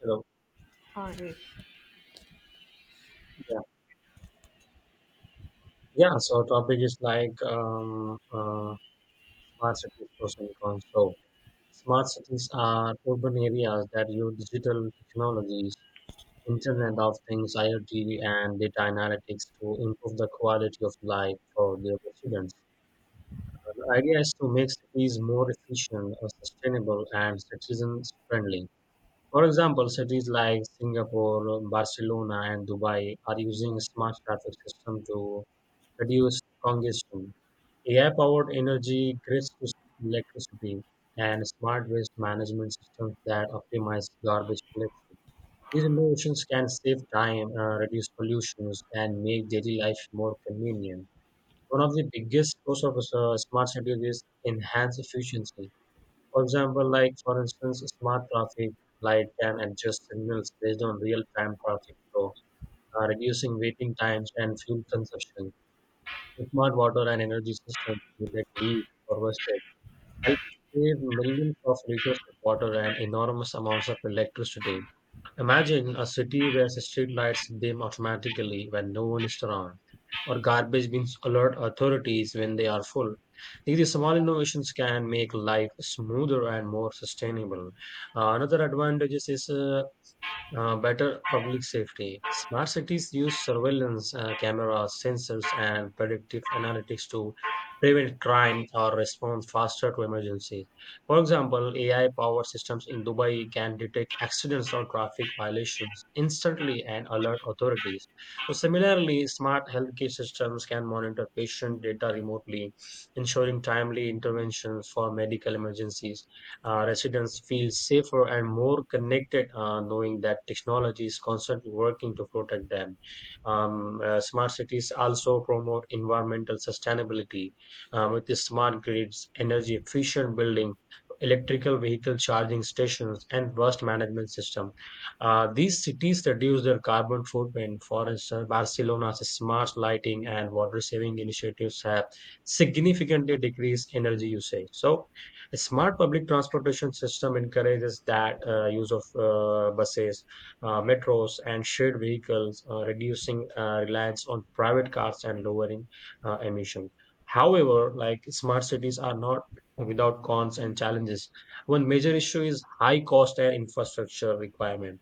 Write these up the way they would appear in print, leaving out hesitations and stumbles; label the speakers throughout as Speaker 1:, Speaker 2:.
Speaker 1: Hello.
Speaker 2: Ah, right.
Speaker 1: Yeah. Yeah. So topic is like smart cities pros and cons. So smart cities are urban areas that use digital technologies, Internet of Things, IoT, and data analytics to improve the quality of life for their residents. The idea is to make cities more efficient, sustainable, and citizens friendly. For example, cities like Singapore, Barcelona, and Dubai are using smart traffic system to reduce congestion. AI powered energy grids to electricity and smart waste management systems that optimize garbage collection. These innovations can save time, reduce pollutions, and make daily life more convenient. One of the biggest pros of smart cities is enhanced efficiency. For example, like for instance, smart traffic light can adjust signals based on real-time traffic flow, reducing waiting times and fuel consumption. Smart water and energy systems that we harvested help save millions of liters of water and enormous amounts of electricity. Imagine a city where the street lights dim automatically when no one is around, or garbage bins alert authorities when they are full. These small innovations can make life smoother and more sustainable. Another advantage is better public safety. Smart cities use surveillance cameras, sensors, and predictive analytics to prevent crime or respond faster to emergency. For example, AI-powered systems in Dubai can detect accidents or traffic violations instantly and alert authorities. So similarly, smart healthcare systems can monitor patient data remotely, ensuring timely interventions for medical emergencies. Residents feel safer and more connected, knowing that technology is constantly working to protect them. Smart cities also promote environmental sustainability with the smart grids, energy efficient building, electrical vehicle charging stations, and waste management system. These cities reduce their carbon footprint. For instance, Barcelona's smart lighting and water saving initiatives have significantly decreased energy usage. So a smart public transportation system encourages that use of buses, metros, and shared vehicles, reducing reliance on private cars and lowering emissions. However, like smart cities are not without cons and challenges. One major issue is high cost and infrastructure requirement.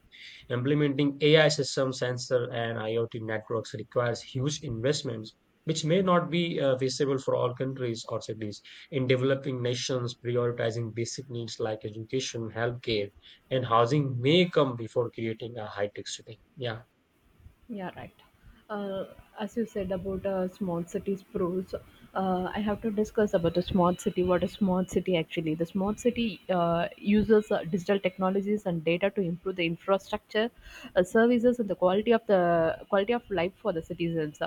Speaker 1: Implementing AI systems, sensor, and IoT networks requires huge investments, which may not be feasible for all countries or cities. In developing nations, prioritizing basic needs like education, healthcare, and housing may come before creating a high tech city. Yeah.
Speaker 2: Yeah, right. Uh, as you said about smart cities pros, I have to discuss about the smart city. What a smart city actually? The smart city uses digital technologies and data to improve the infrastructure, services, and the quality of life for the citizens.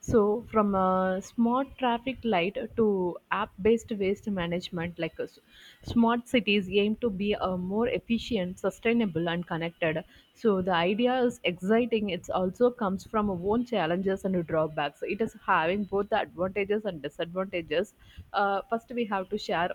Speaker 2: So, from a smart traffic light to app-based waste management, smart cities aim to be more efficient, sustainable, and connected. So, the idea is exciting. It also comes from own challenges and drawbacks. It is having both the advantages and disadvantages. First, we have to share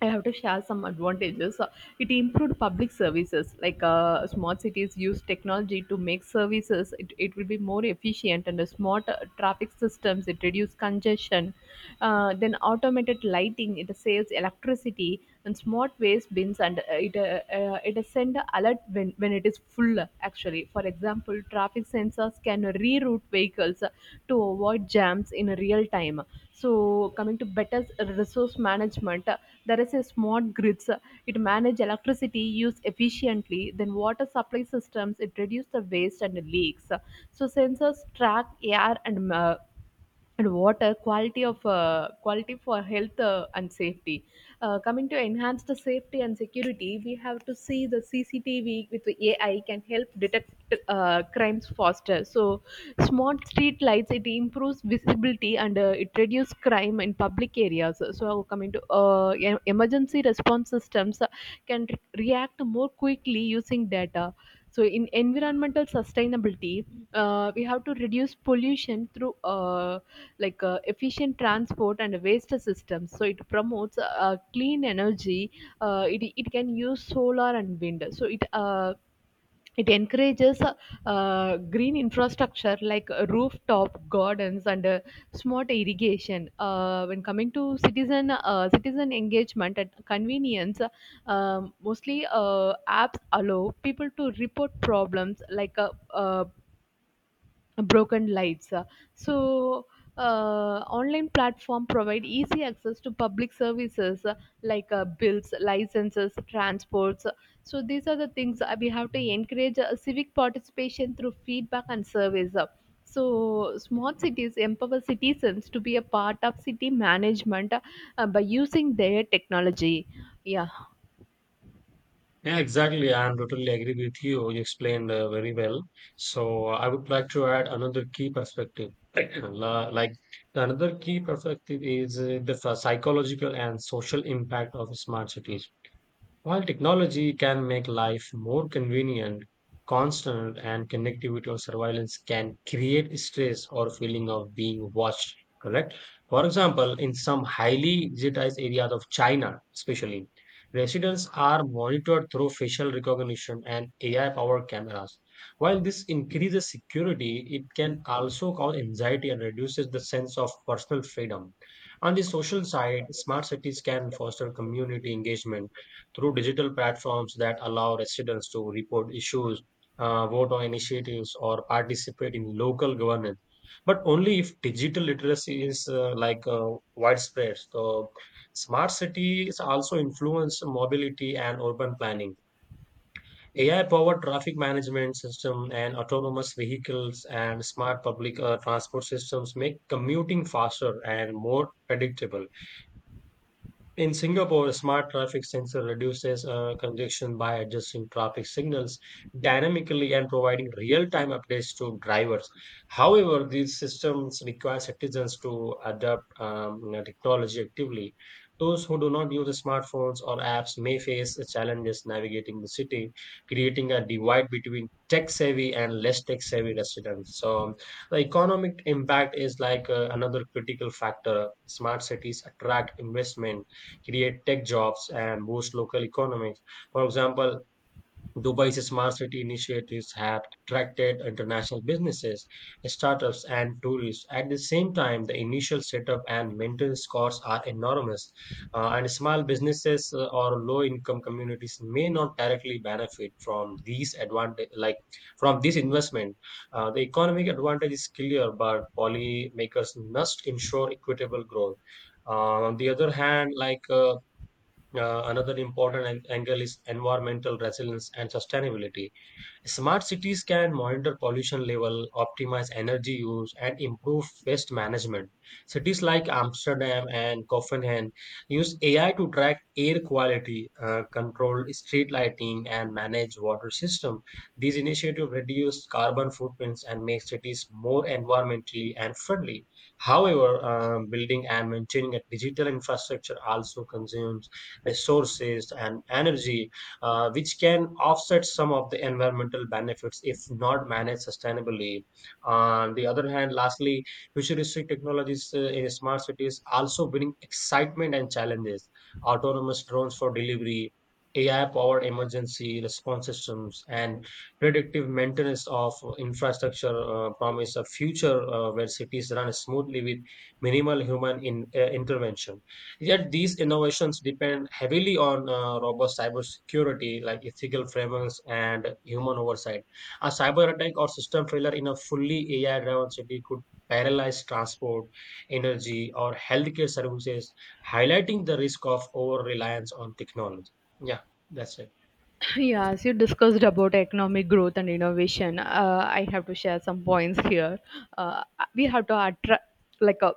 Speaker 2: I have to share some advantages. It improved public services, like smart cities use technology to make services. It will be more efficient and smart traffic systems. It reduce congestion. Then automated lighting. It saves electricity and smart waste bins. And it send a alert when it is full. Actually, for example, traffic sensors can reroute vehicles to avoid jams in real time. So coming to better resource management, there is a smart grids, it manage electricity use efficiently. Then water supply systems, it reduce the waste and leaks. So sensors track air and water quality for health and safety. Coming to enhance the safety and security, we have to see the CCTV with the AI can help detect crimes faster. So smart street lights, it improves visibility and it reduces crime in public areas. So coming to emergency response systems, can re- react more quickly using data. So in environmental sustainability, we have to reduce pollution through efficient transport and waste systems. So it promotes clean energy. It can use solar and wind. So it encourages green infrastructure like rooftop gardens and smart irrigation. When coming to citizen engagement and convenience, mostly apps allow people to report problems like broken lights. So, online platform provide easy access to public services, bills, licenses, transports. So these are the things. Uh, we have to encourage civic participation through feedback and surveys. So smart cities empower citizens to be a part of city management by using their technology. Yeah.
Speaker 1: Yeah, exactly. I am totally agree with you. You explained very well. So I would like to add another key perspective. Like the another key perspective is the psychological and social impact of smart cities. While technology can make life more convenient, constant and connectivity or surveillance can create stress or feeling of being watched, correct? For example, in some highly digitized areas of China, especially, residents are monitored through facial recognition and AI-powered cameras. While this increases security, it can also cause anxiety and reduces the sense of personal freedom. On the social side, smart cities can foster community engagement through digital platforms that allow residents to report issues, vote on initiatives, or participate in local governance. But only if digital literacy is widespread. So, smart cities also influence mobility and urban planning. AI-powered traffic management system and autonomous vehicles and smart public transport systems make commuting faster and more predictable. In Singapore, a smart traffic sensor reduces congestion by adjusting traffic signals dynamically and providing real-time updates to drivers. However, these systems require citizens to adapt technology actively. Those who do not use smartphones or apps may face challenges navigating the city, creating a divide between tech-savvy and less tech-savvy residents. So, the economic impact is like another critical factor. Smart cities attract investment, create tech jobs, and boost local economies. For example, Dubai's smart city initiatives have attracted international businesses, startups, and tourists. At the same time, the initial setup and maintenance costs are enormous, and small businesses or low-income communities may not directly benefit from these advantage, like from this investment. The economic advantage is clear, but policymakers must ensure equitable growth. On the other hand, another important angle is environmental resilience and sustainability. Smart cities can monitor pollution level, optimize energy use, and improve waste management. Cities like Amsterdam and Copenhagen use AI to track air quality, control street lighting, and manage water system. These initiatives reduce carbon footprints and make cities more environmentally and friendly. However, building and maintaining a digital infrastructure also consumes resources and energy which can offset some of the environmental benefits if not managed sustainably. On the other hand, lastly, futuristic technologies in smart cities also bring excitement and challenges. Autonomous drones for delivery, AI-powered emergency response systems, and predictive maintenance of infrastructure promise a future where cities run smoothly with minimal human intervention. Yet these innovations depend heavily on robust cybersecurity, like ethical frameworks and human oversight. A cyber attack or system failure in a fully AI-driven city could paralyze transport, energy, or healthcare services, highlighting the risk of over-reliance on technology. Yeah, that's it.
Speaker 2: Yeah, as you discussed about economic growth and innovation, I have to share some points here. Uh, we have to attract, like, a,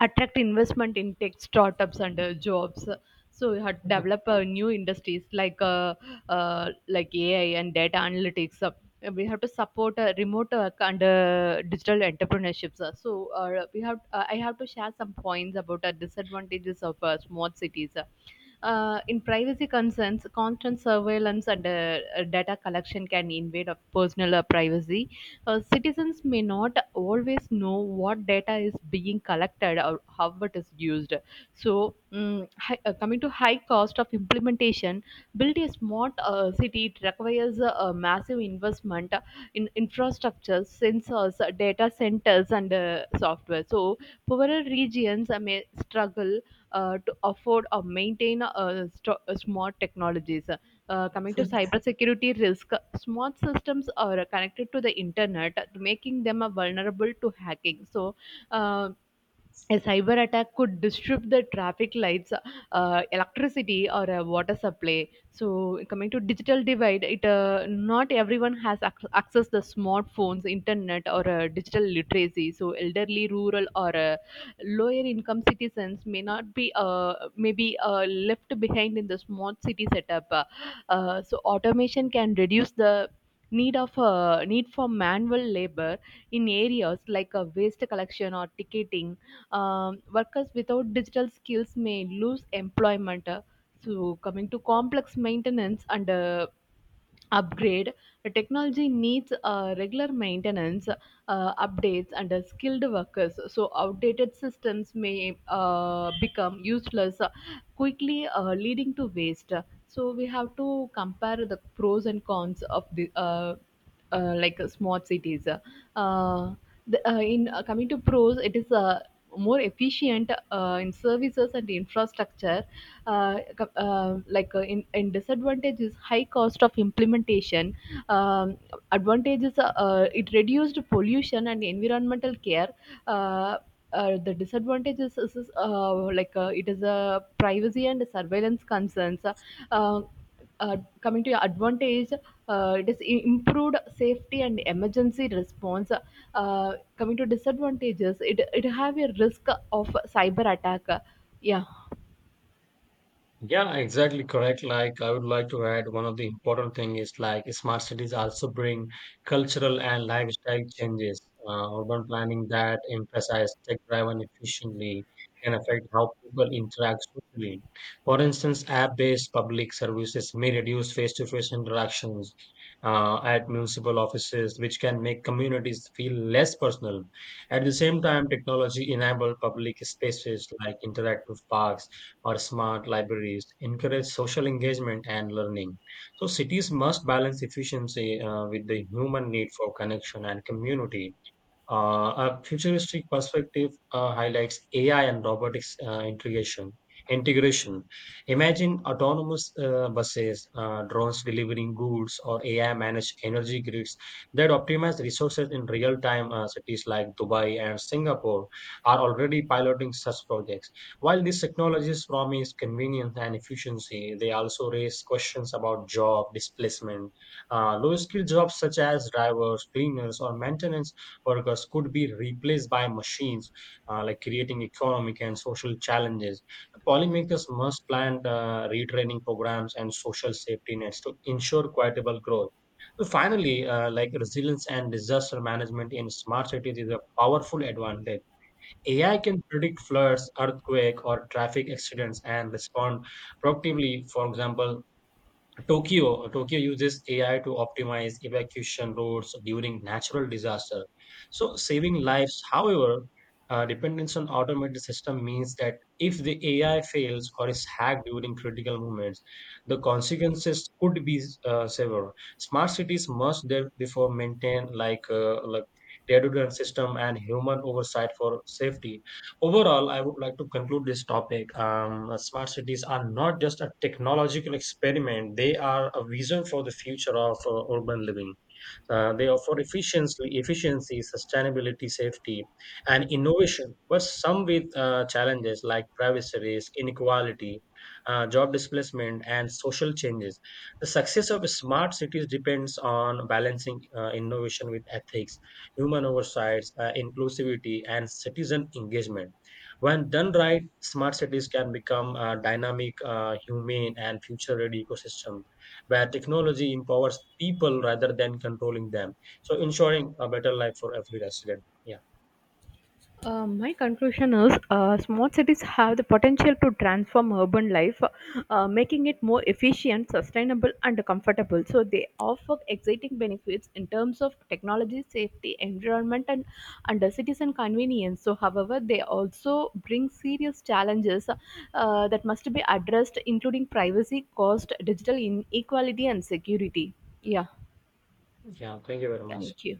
Speaker 2: attract investment in tech startups and jobs. So we have to develop new industries like AI and data analytics. We have to support remote work and digital entrepreneurships. So we have I have to share some points about disadvantages of small cities. In privacy concerns, constant surveillance and data collection can invade of personal privacy. Citizens may not always know what data is being collected or how it is used. So, coming to high cost of implementation, building a smart city, it requires a massive investment in infrastructure, sensors, data centers, and software. So, poorer regions may struggle to afford or maintain smart technologies. Coming to cybersecurity risk, smart systems are connected to the internet, making them vulnerable to hacking. So, uh, a cyber attack could disrupt the traffic lights, electricity, or a water supply. So, coming to digital divide, it not everyone has access the smartphones, internet, or digital literacy. So, elderly, rural, or lower income citizens may not be may be left behind in the smart city setup. So, automation can reduce the need for manual labor in areas like waste collection or ticketing. Um, workers without digital skills may lose employment. So, coming to complex maintenance and upgrade, the technology needs regular maintenance, updates, and skilled workers. So, outdated systems may become useless quickly, leading to waste. So we have to compare the pros and cons of the smart cities. The, in Coming to pros, it is more efficient in services and infrastructure. Co- like in Disadvantage is high cost of implementation. Um, Advantages, it reduced pollution and environmental care. Uh, the disadvantages is, like it is a privacy and surveillance concerns. Uh, Coming to your advantage, it is improved safety and emergency response. Coming to disadvantages, it have a risk of cyber attack. Yeah.
Speaker 1: Yeah, exactly correct. Like I would like to add one of the important thing is like smart cities also bring cultural and lifestyle changes. Urban planning that emphasize tech-driven efficiently can affect how people interact socially. For instance, app-based public services may reduce face-to-face interactions at municipal offices, which can make communities feel less personal. At the same time, technology enabled public spaces like interactive parks or smart libraries encourage social engagement and learning. So cities must balance efficiency with the human need for connection and community. A futuristic perspective highlights AI and robotics integration. Integration. Imagine autonomous buses, drones delivering goods, or AI-managed energy grids that optimize resources in real time. Cities like Dubai and Singapore are already piloting such projects. While these technologies promise convenience and efficiency, they also raise questions about job displacement. Low-skilled jobs such as drivers, cleaners, or maintenance workers could be replaced by machines, creating economic and social challenges. Policymakers must plan retraining programs and social safety nets to ensure equitable growth. So finally, resilience and disaster management in smart cities is a powerful advantage. AI can predict floods, earthquake, or traffic accidents and respond proactively. For example, Tokyo uses AI to optimize evacuation routes during natural disaster. So saving lives, however, dependence on automated system means that if the AI fails or is hacked during critical moments, the consequences could be severe. Smart cities must therefore maintain redundant system and human oversight for safety. Overall, I would like to conclude this topic. Smart cities are not just a technological experiment, they are a vision for the future of urban living. They offer efficiency, sustainability, safety, and innovation, but some with challenges like privacy risk, inequality, job displacement, and social changes. The success of smart cities depends on balancing innovation with ethics, human oversights, inclusivity, and citizen engagement. When done right, smart cities can become a dynamic, humane, and future-ready ecosystem where technology empowers people rather than controlling them. So ensuring a better life for every resident. Yeah.
Speaker 2: My conclusion is, smart cities have the potential to transform urban life, making it more efficient, sustainable, and comfortable. So, they offer exciting benefits in terms of technology, safety, environment, and citizen convenience. So, however, they also bring serious challenges that must be addressed, including privacy, cost, digital inequality, and security. Yeah,
Speaker 1: Yeah. Thank you very much.
Speaker 2: thank you.